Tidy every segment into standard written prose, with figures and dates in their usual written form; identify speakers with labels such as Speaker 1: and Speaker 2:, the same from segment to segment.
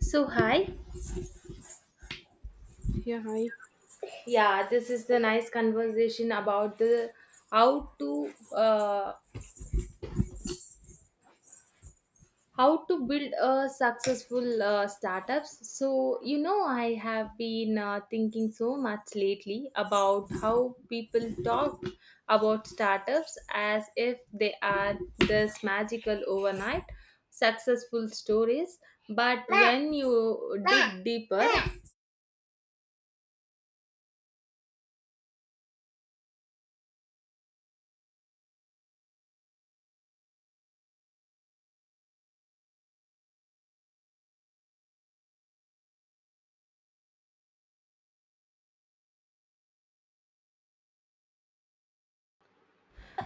Speaker 1: So, hi.
Speaker 2: Yeah, hi.
Speaker 1: Yeah, this is the nice conversation about the how to uh, how to build a successful startups. So I have been thinking so much lately about how people talk about startups as if they are this magical overnight successful stories, but when you dig deeper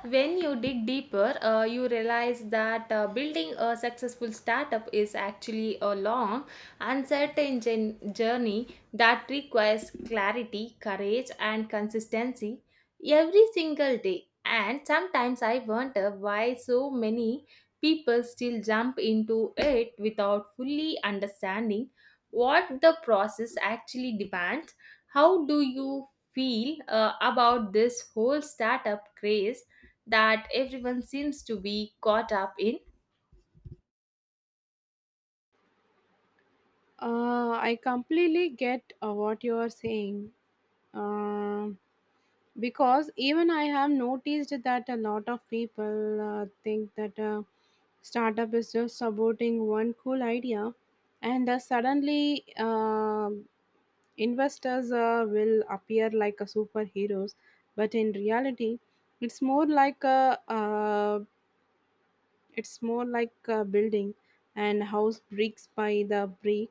Speaker 1: When you dig deeper, you realize that building a successful startup is actually a long, uncertain journey that requires clarity, courage, and consistency every single day. And sometimes I wonder why so many people still jump into it without fully understanding what the process actually demands. How do you feel about this whole startup craze, that everyone seems to be caught up in?
Speaker 2: I completely get what you are saying. Um because even I have noticed that a lot of people think that a startup is just supporting one cool idea, and suddenly um investors will appear like a superheroes. But in reality, it's more like a uh, it's more like a building and house bricks by the brick,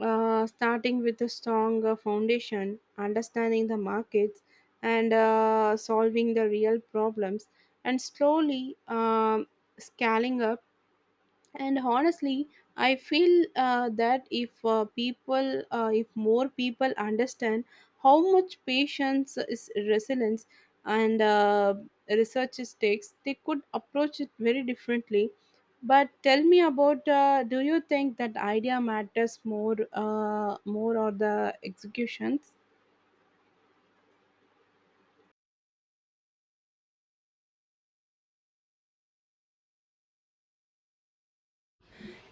Speaker 2: starting with a strong foundation, understanding the markets, and solving the real problems, and slowly scaling up. And honestly I feel that if more people understand how much patience is resilience and research is takes, they could approach it very differently. But tell me about, do you think that idea matters more or the executions?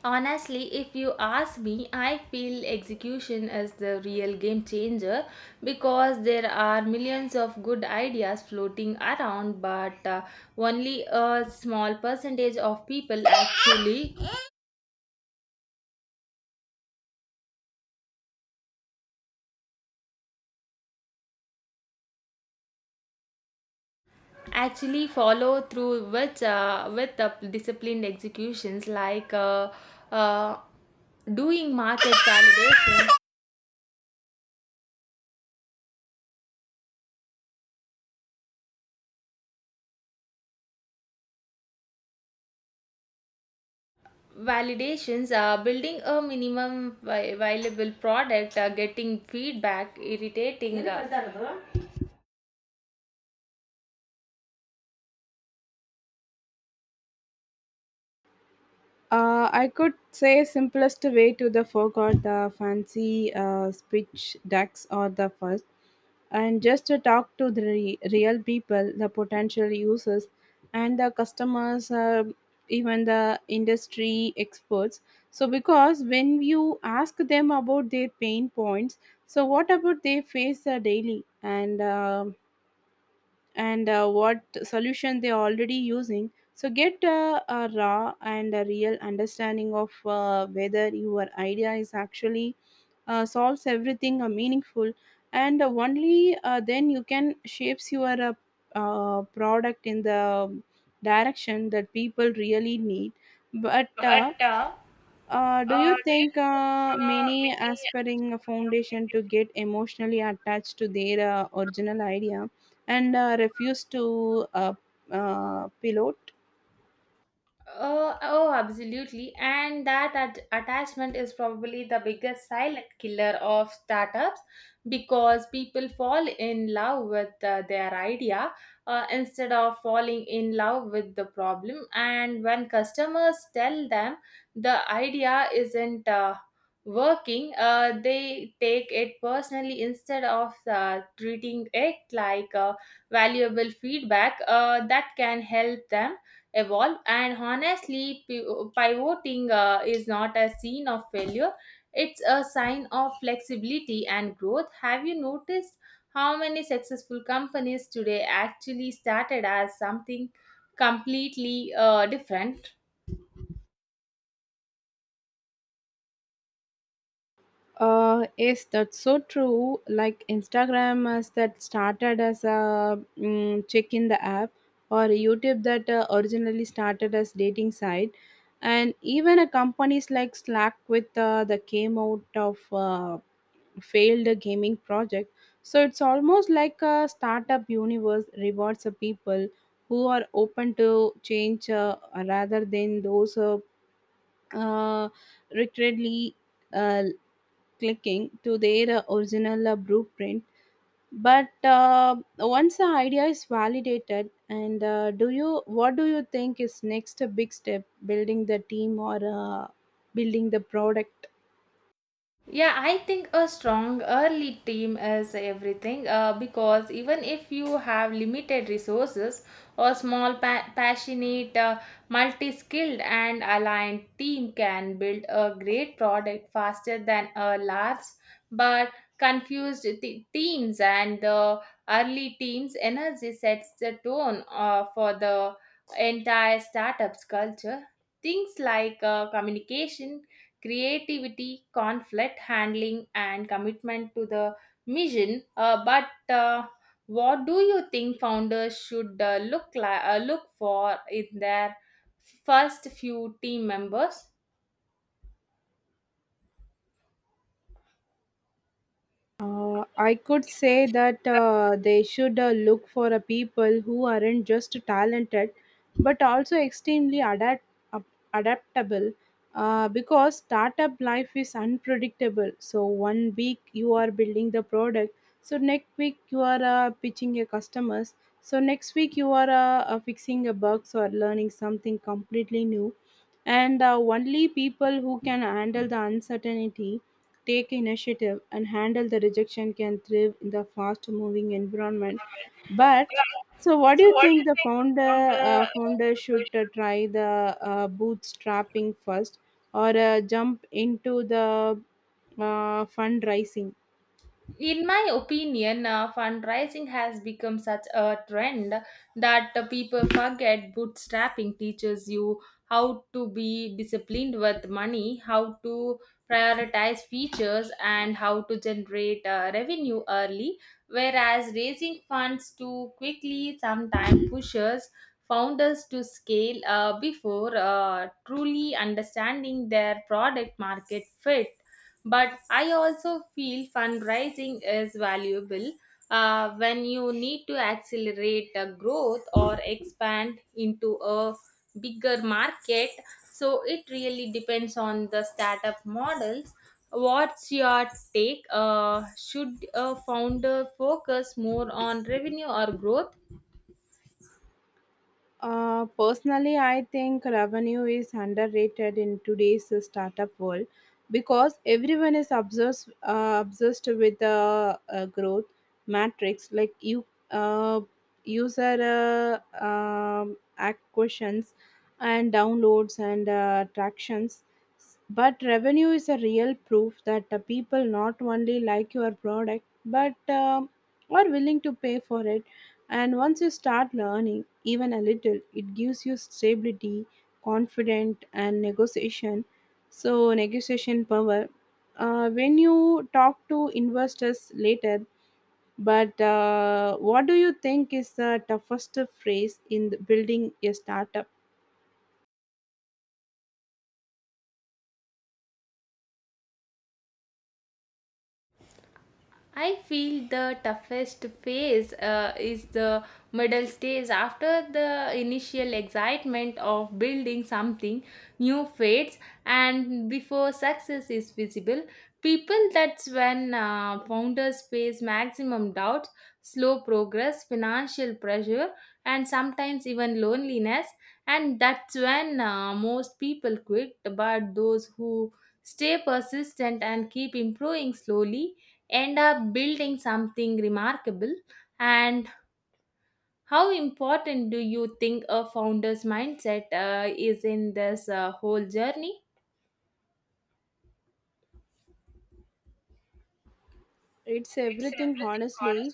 Speaker 1: Honestly, if you ask me, I feel execution is the real game changer, because there are millions of good ideas floating around, but only a small percentage of people actually follow through with the disciplined executions, like uh, doing market validations, are building a minimum viable product, getting feedback, irritating
Speaker 2: I could say simplest way to the forgot the fancy speech decks or the fuss, and just to talk to the real people, the potential users and the customers, even the industry experts. So because when you ask them about their pain points, so what about they face daily, and what solution they're already using, so get a raw and a real understanding of whether your idea is actually solves everything meaningful. And only then you can shapes your product in the direction that people really need. But do you think many aspiring a foundation to get emotionally attached to their original idea and refuse to pilot?
Speaker 1: Oh, oh, absolutely. And that attachment is probably the biggest silent killer of startups, because people fall in love with their idea instead of falling in love with the problem. And when customers tell them the idea isn't working, they take it personally instead of treating it like valuable feedback that can help them evolve. And honestly, pivoting is not a sign of failure, it's a sign of flexibility and growth. Have you noticed how many successful companies today actually started as something completely different?
Speaker 2: Yes, that's so true. Like Instagram, as that started as a check in the app, or YouTube that originally started as dating site, and even a companies like Slack with the came out of failed gaming project. So it's almost like a startup universe rewards the people who are open to change, rather than those uh, repeatedly uh, clicking to their original blueprint. But once the idea is validated, and do you what do you think is next big step, building the team or building the product?
Speaker 1: Yeah, I think a strong early team is everything, because even if you have limited resources, a small, passionate, multi skilled, and aligned team can build a great product faster than a large but confused teams. And the early team's energy sets the tone for the entire startup's culture. Things like communication, creativity, conflict handling, and commitment to the mission. But what do you think founders should look for in their first few team members?
Speaker 2: I could say that they should look for a people who aren't just talented, but also extremely up- adaptable. Because startup life is unpredictable. So one week you are building the product, so next week you are pitching your customers, so next week you are fixing a bugs or learning something completely new, and only people who can handle the uncertainty, take initiative, and handle the rejection can thrive in the fast moving environment. But so, what do you think the founder should try the bootstrapping first, or jump into the fundraising?
Speaker 1: In my opinion, fundraising has become such a trend that people forget bootstrapping teaches you how to be disciplined with money, how to prioritize features, and how to generate revenue early. Whereas raising funds too quickly sometimes pushes founders to scale before truly understanding their product market fit. But I also feel fundraising is valuable when you need to accelerate growth or expand into a bigger market. So it really depends on the startup models. What's your take? Should a founder focus more on revenue or growth?
Speaker 2: Personally, I think revenue is underrated in today's startup world, because everyone is obsessed with the growth matrix, like you uh, user acquisitions and downloads and attractions. But revenue is a real proof that the people not only like your product but are willing to pay for it. And once you start learning even a little, it gives you stability, confidence, and negotiation. So, negotiation power. When you talk to investors later. But what do you think is the toughest phrase in the building a startup?
Speaker 1: I feel the toughest phase is the middle stage, after the initial excitement of building something new fades and before success is visible. People, that's when founders face maximum doubt, slow progress, financial pressure, and sometimes even loneliness. And that's when most people quit, but those who stay persistent and keep improving slowly end up building something remarkable. And how important do you think a founder's mindset is in this whole journey?
Speaker 2: It's everything, honestly.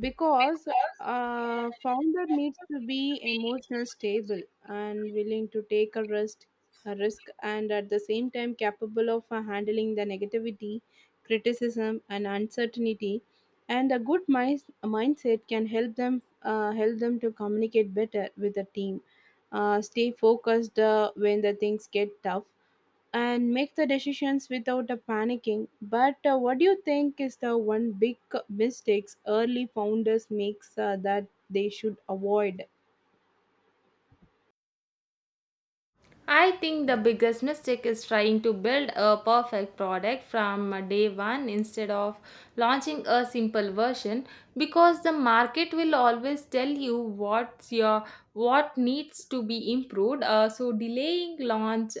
Speaker 2: Because a founder needs to be emotional stable and willing to take a risk, and at the same time capable of handling the negativity, criticism and uncertainty. And a good mindset can help them to communicate better with the team, stay focused when the things get tough, and make the decisions without a panicking. But what do you think is the one big mistakes early founders makes that they should avoid?
Speaker 1: I think the biggest mistake is trying to build a perfect product from day one instead of launching a simple version, because the market will always tell you what's your what needs to be improved. So delaying launch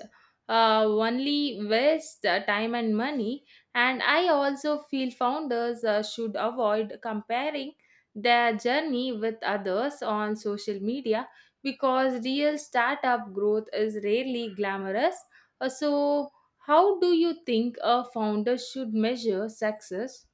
Speaker 1: only waste time and money. And I also feel founders should avoid comparing their journey with others on social media, because real startup growth is rarely glamorous. So, how do you think a founder should measure success?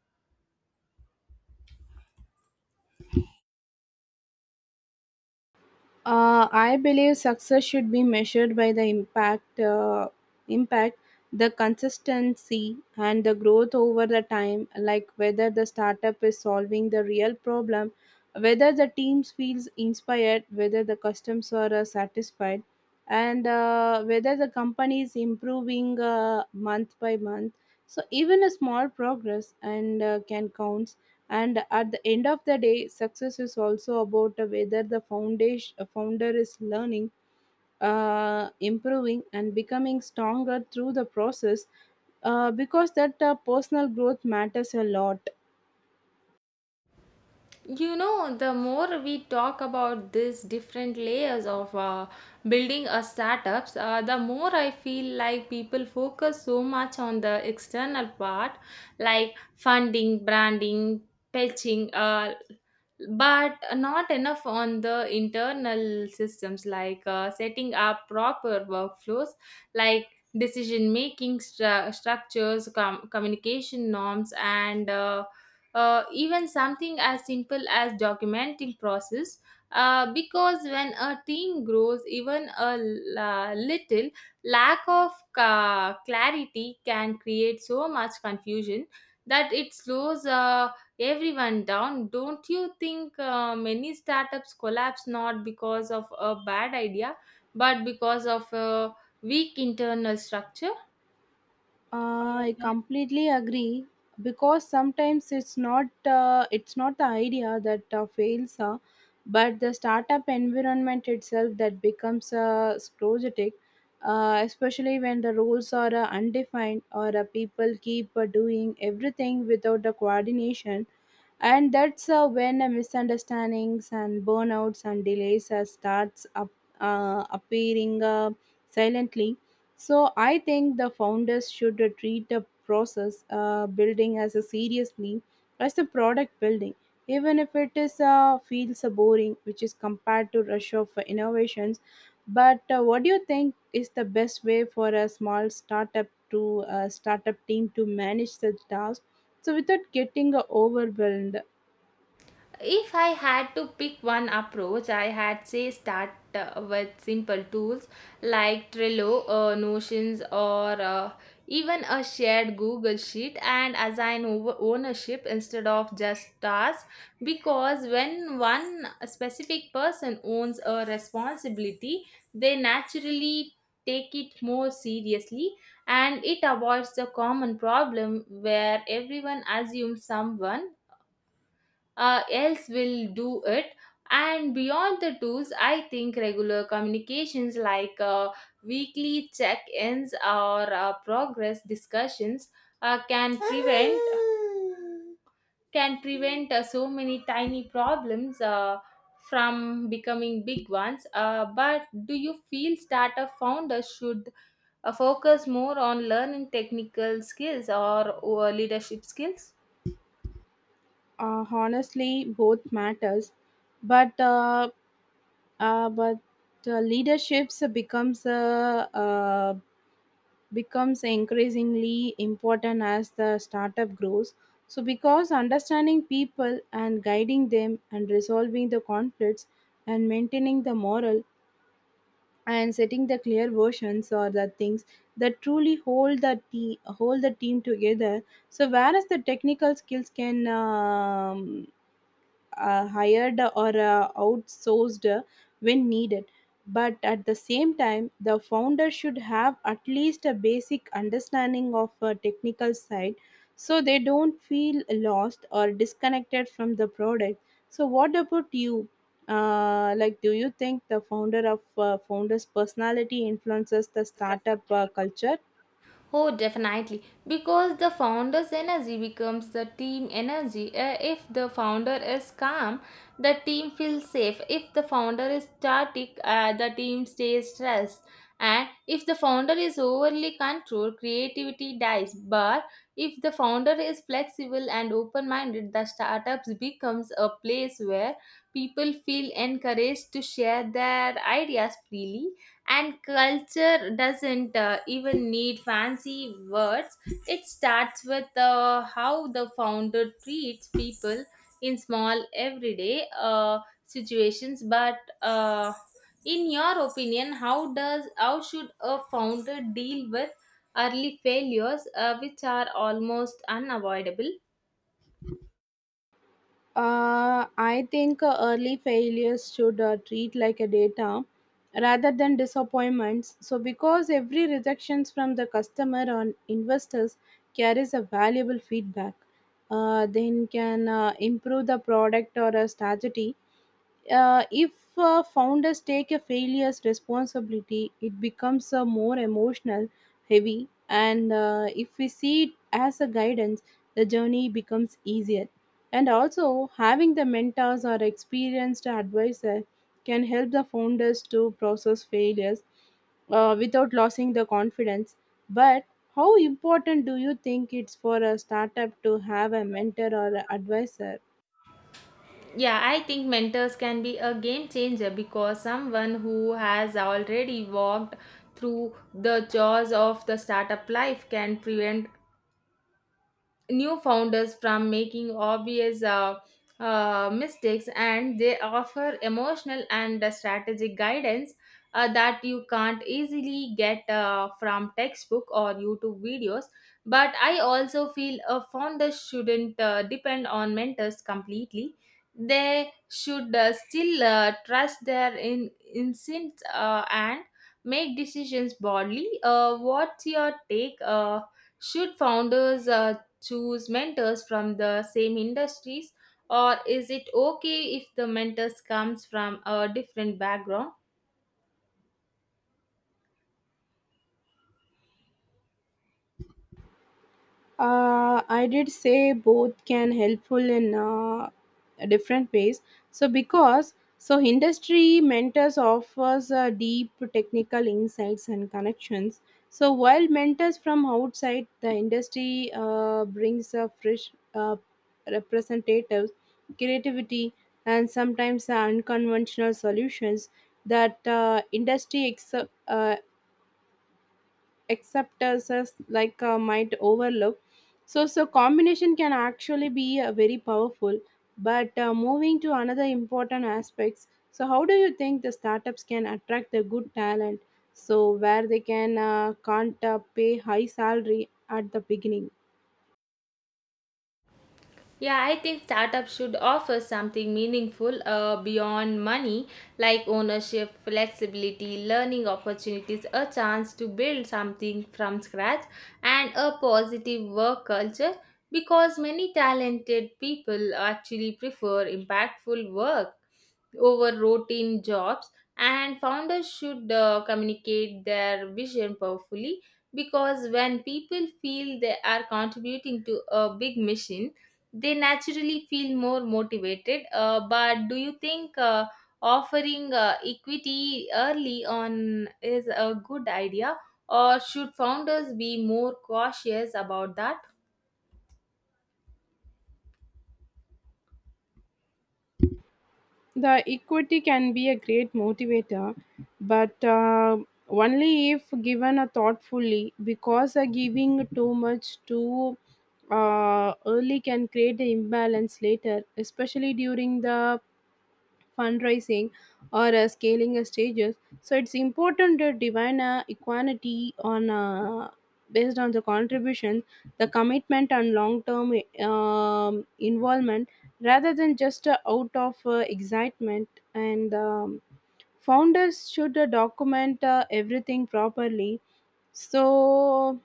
Speaker 2: I believe success should be measured by the impact, the consistency, and the growth over the time. Like whether the startup is solving the real problem, whether the teams feels inspired, whether the customers are satisfied, and whether the company is improving month by month. So even a small progress and can count. And at the end of the day success is also about whether the foundation a founder is learning, improving and becoming stronger through the process, because that personal growth matters a lot.
Speaker 1: You know, the more we talk about these different layers of building a startups, the more I feel like people focus so much on the external part, like funding, branding, pitching, but not enough on the internal systems, like setting up proper workflows, like decision making structures, communication norms, and even something as simple as documenting process. Because when a team grows, even a little lack of clarity can create so much confusion that it slows everyone down. Don't you think many startups collapse not because of a bad idea, but because of a weak internal structure?
Speaker 2: I completely agree, because sometimes it's not the idea that fails, but the startup environment itself that becomes sclerotic, especially when the rules are undefined or people keep doing everything without the coordination. And that's when misunderstandings and burnouts and delays starts up, appearing silently. So I think the founders should treat the process building as a seriously as the product building, even if it is feels boring, which is compared to rush of innovations. But what do you think is the best way for a small startup team to manage such tasks so without getting overwhelmed?
Speaker 1: If I had to pick one approach, I had say start with simple tools like Trello, Notions, or even a shared Google Sheet, and assign over ownership instead of just tasks. Because when one specific person owns a responsibility, they naturally take it more seriously, and it avoids the common problem where everyone assumes someone else will do it. And beyond the tools, I think regular communications, like weekly check-ins or progress discussions, uh, can prevent can prevent so many tiny problems from becoming big ones. But do you feel startup founders should focus more on learning technical skills or leadership skills?
Speaker 2: Honestly both matters, but uh, but leaderships becomes increasingly important as the startup grows. So because understanding people and guiding them and resolving the conflicts and maintaining the moral and setting the clear versions are the things that truly hold the team together. So whereas the technical skills can hired or outsourced when needed. But at the same time, the founder should have at least a basic understanding of a technical side, so they don't feel lost or disconnected from the product. So, what about you? Like, do you think the founder's personality influences the startup culture?
Speaker 1: Oh, definitely. Because the founder's energy becomes the team energy. If the founder is calm, the team feels safe. If the founder is static, the team stays stressed. And if the founder is overly controlled, creativity dies. But if the founder is flexible and open minded, the startups becomes a place where people feel encouraged to share their ideas freely. And culture doesn't even need fancy words, it starts with how the founder treats people in small everyday situations. But in your opinion, how should a founder deal with early failures, which are almost unavoidable?
Speaker 2: I think early failures should treat like a data rather than disappointments. So, because every rejections from the customer or investors carries a valuable feedback, then can improve the product or a strategy. If founders take a failure's responsibility, it becomes a more emotional, heavy, and if we see it as a guidance, the journey becomes easier. And also, having the mentors or experienced advisor can help the founders to process failures, without losing the confidence. But how important do you think it's for a startup to have a mentor or a advisor?
Speaker 1: Yeah, I think mentors can be a game changer, because someone who has already walked through the jaws of the startup life can prevent new founders from making obvious mistakes, and they offer emotional and strategic guidance that you can't easily get from textbook or YouTube videos. But I also feel a founder shouldn't depend on mentors completely, they should still trust their instincts, and make decisions boldly. What's your take? Should founders choose mentors from the same industries, or is it okay if the mentors comes from a different background?
Speaker 2: I did say both can helpful in different ways. So because so industry mentors offers deep technical insights and connections. So while mentors from outside the industry brings a fresh representatives, creativity, and sometimes unconventional solutions that acceptances like might overlook. So so combination can actually be very powerful. But moving to another important aspects, so how do you think the startups can attract the good talent, so where they can can't pay high salary at the beginning?
Speaker 1: Yeah, I think startups should offer something meaningful beyond money, like ownership, flexibility, learning opportunities, a chance to build something from scratch, and a positive work culture. Because many talented people actually prefer impactful work over routine jobs, and founders should communicate their vision powerfully, because when people feel they are contributing to a big mission, they naturally feel more motivated. But do you think offering equity early on is a good idea, or should founders be more cautious about that?
Speaker 2: The equity can be a great motivator, but only if given a thoughtfully, because giving too much too early can create an imbalance later, especially during the fundraising or scaling stages. So it's important to divine equality on, based on the contribution, the commitment and long term involvement, rather than just out of excitement. And founders should document everything properly, so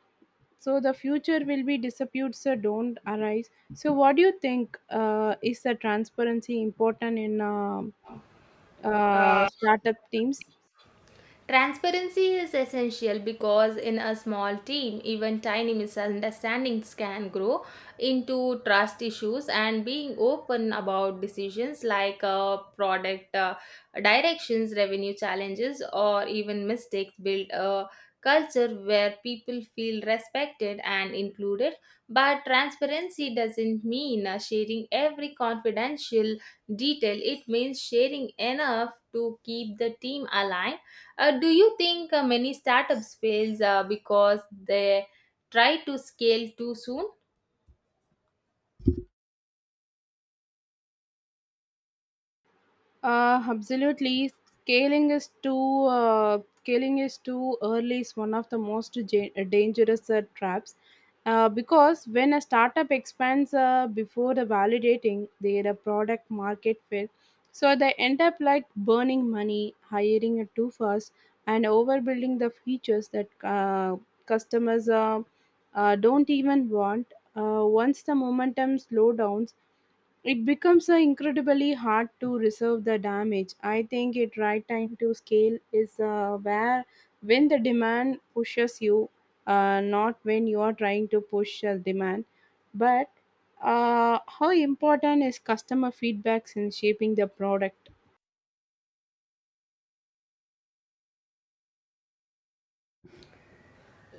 Speaker 2: so the future will be disputes don't arise. So what do you think, is the transparency important in startup teams?
Speaker 1: Transparency is essential, because in a small team, even tiny misunderstandings can grow into trust issues. And being open about decisions like product directions, revenue challenges, or even mistakes build a culture where people feel respected and included. But transparency doesn't mean sharing every confidential detail, it means sharing enough to keep the team aligned. Do you think many startups fails because they try to scale too soon?
Speaker 2: Absolutely, scaling is too early is one of the most dangerous traps. Because when a startup expands before the validating their product market fit, so they end up like burning money, hiring it too fast, and overbuilding the features that customers don't even want. Once the momentum slows down, it becomes incredibly hard to reserve the damage. I think it right time to scale is where when the demand pushes you, not when you are trying to push a demand. But how important is customer feedback in shaping the product?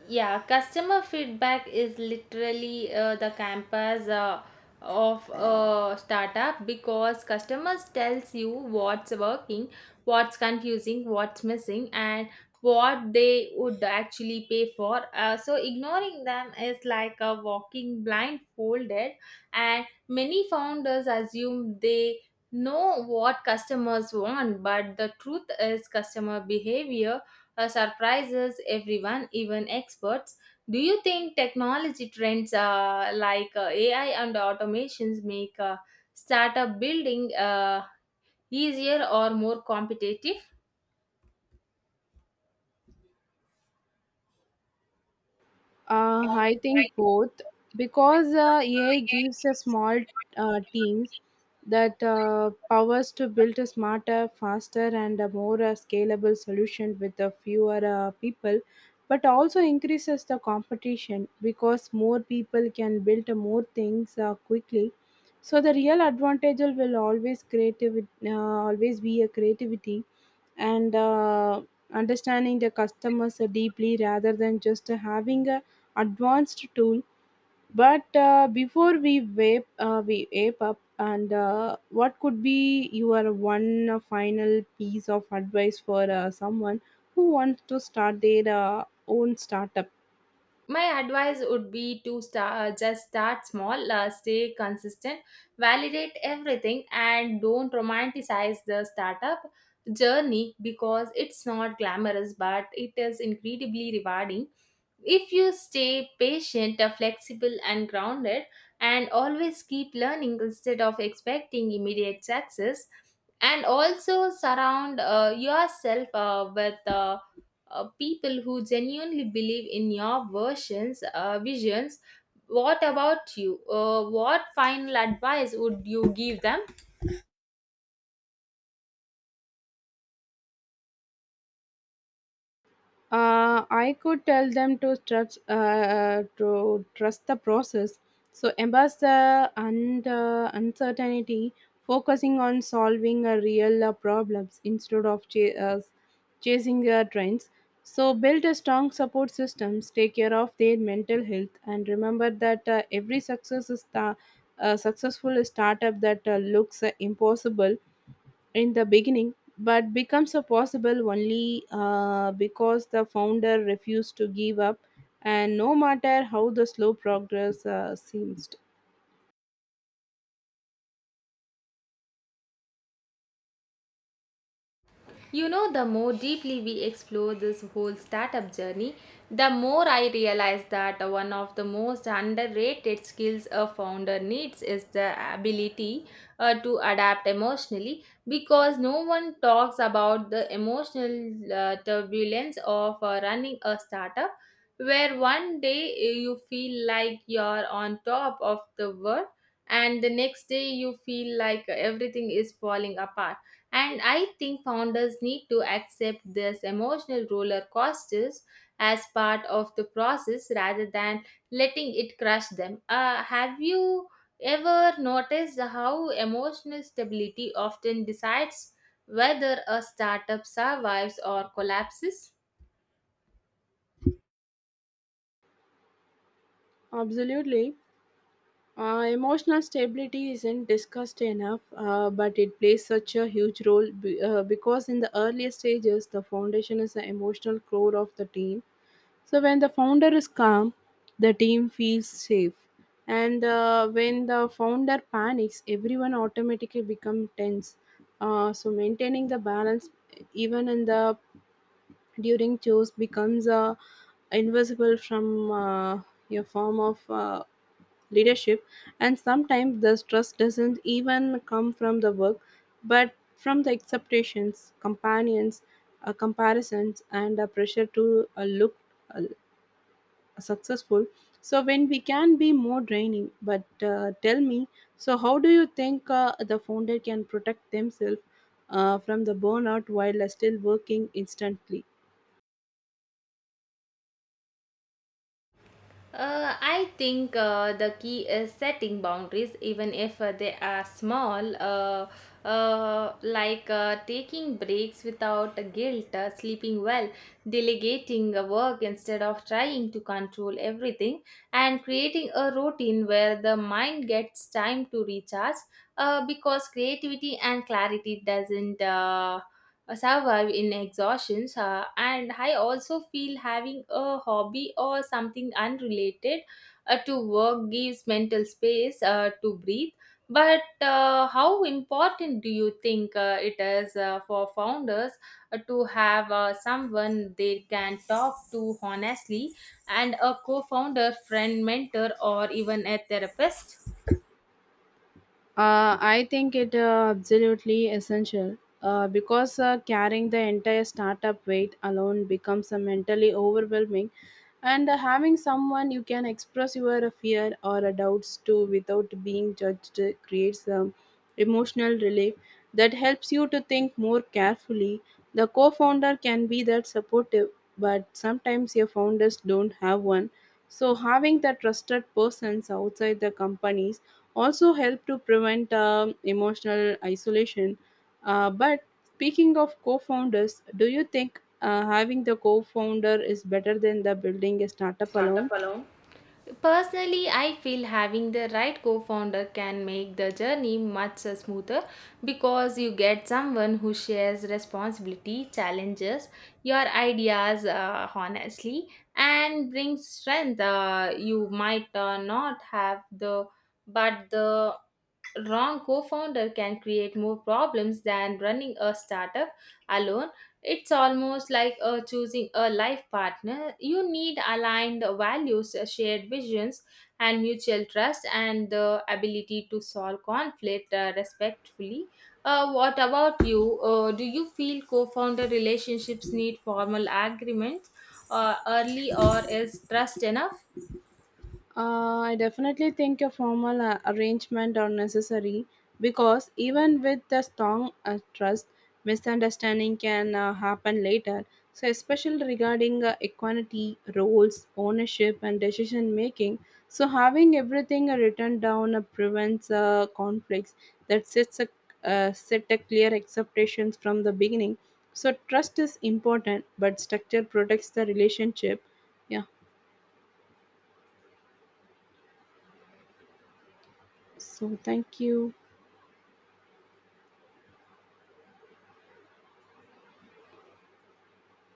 Speaker 1: Yeah, customer feedback is literally the campus of a startup, because customers tells you what's working, what's confusing, what's missing, and what they would actually pay for. So ignoring them is like a walking blindfolded, and many founders assume they know what customers want, but the truth is customer behavior surprises everyone, even experts. Do you think technology trends like AI and automations make startup building easier or more competitive?
Speaker 2: I think both, because AI gives a small teams that powers to build a smarter, faster, and a more scalable solution with the fewer people, but also increases the competition because more people can build more things quickly. So the real advantage will always be a creativity and understanding the customers deeply rather than just having a advanced tool. But before we ape up, and what could be your one final piece of advice for someone who wants to start their own startup?
Speaker 1: My advice would be to start, just start small, stay consistent, validate everything, and don't romanticize the startup journey, because it's not glamorous, but it is incredibly rewarding. If you stay patient, flexible, and grounded, and always keep learning instead of expecting immediate success, and also surround yourself with people who genuinely believe in your visions. What about you? What final advice would you give them?
Speaker 2: I could tell them to trust the process. So embrace the and uncertainty, focusing on solving a real problems instead of chasing trends. So build a strong support systems, take care of their mental health, and remember that every successful startup that looks impossible in the beginning, but becomes a possible only because the founder refused to give up, and no matter how the slow progress seems.
Speaker 1: You know, the more deeply we explore this whole startup journey, the more I realize that one of the most underrated skills a founder needs is the ability to adapt emotionally, because no one talks about the emotional turbulence of running a startup, where one day you feel like you're on top of the world, and the next day you feel like everything is falling apart. And I think founders need to accept this emotional roller coasters as part of the process rather than letting it crush them. Have you ever noticed how emotional stability often decides whether a startup survives or collapses?
Speaker 2: Absolutely. Emotional stability isn't discussed enough, but it plays such a huge role because in the earlier stages, the foundation is the emotional core of the team. So when the founder is calm, the team feels safe. And when the founder panics, everyone automatically becomes tense. So maintaining the balance, even in the during chores, becomes invisible from your form of leadership. And sometimes the stress doesn't even come from the work, but from the expectations, companions, comparisons, and a pressure to look uh, successful, so when we can be more draining. But tell me, so how do you think the founder can protect themselves from the burnout while still working instantly?
Speaker 1: I think the key is setting boundaries, even if they are small, like taking breaks without guilt, sleeping well, delegating work instead of trying to control everything, and creating a routine where the mind gets time to recharge. Because creativity and clarity doesn't survive in exhaustion. And I also feel having a hobby or something unrelated to work gives mental space to breathe. But how important do you think it is for founders to have someone they can talk to honestly, and a co-founder, friend, mentor, or even a therapist?
Speaker 2: I think it absolutely essential, because carrying the entire startup weight alone becomes mentally overwhelming, and having someone you can express your fear or doubts to without being judged creates emotional relief that helps you to think more carefully. The co-founder can be that supportive, but sometimes your founders don't have one, so having the trusted persons outside the companies also help to prevent emotional isolation. But speaking of co founders, do you think having the co founder is better than the building a startup alone?
Speaker 1: Personally, I feel having the right co founder can make the journey much smoother, because you get someone who shares responsibility, challenges your ideas honestly, and brings strength you might not have. The but the wrong co-founder can create more problems than running a startup alone. It's almost like choosing a life partner. You need aligned values, shared visions, and mutual trust, and the ability to solve conflict respectfully. What about you? Do you feel co-founder relationships need formal agreements early, or is trust enough?
Speaker 2: I definitely think a formal arrangement are necessary, because even with the strong trust, misunderstanding can happen later. So, especially regarding equality, roles, ownership, and decision making. So, having everything written down prevents conflicts that set a clear expectations from the beginning. So, trust is important, but structure protects the relationship. Yeah. So, thank you.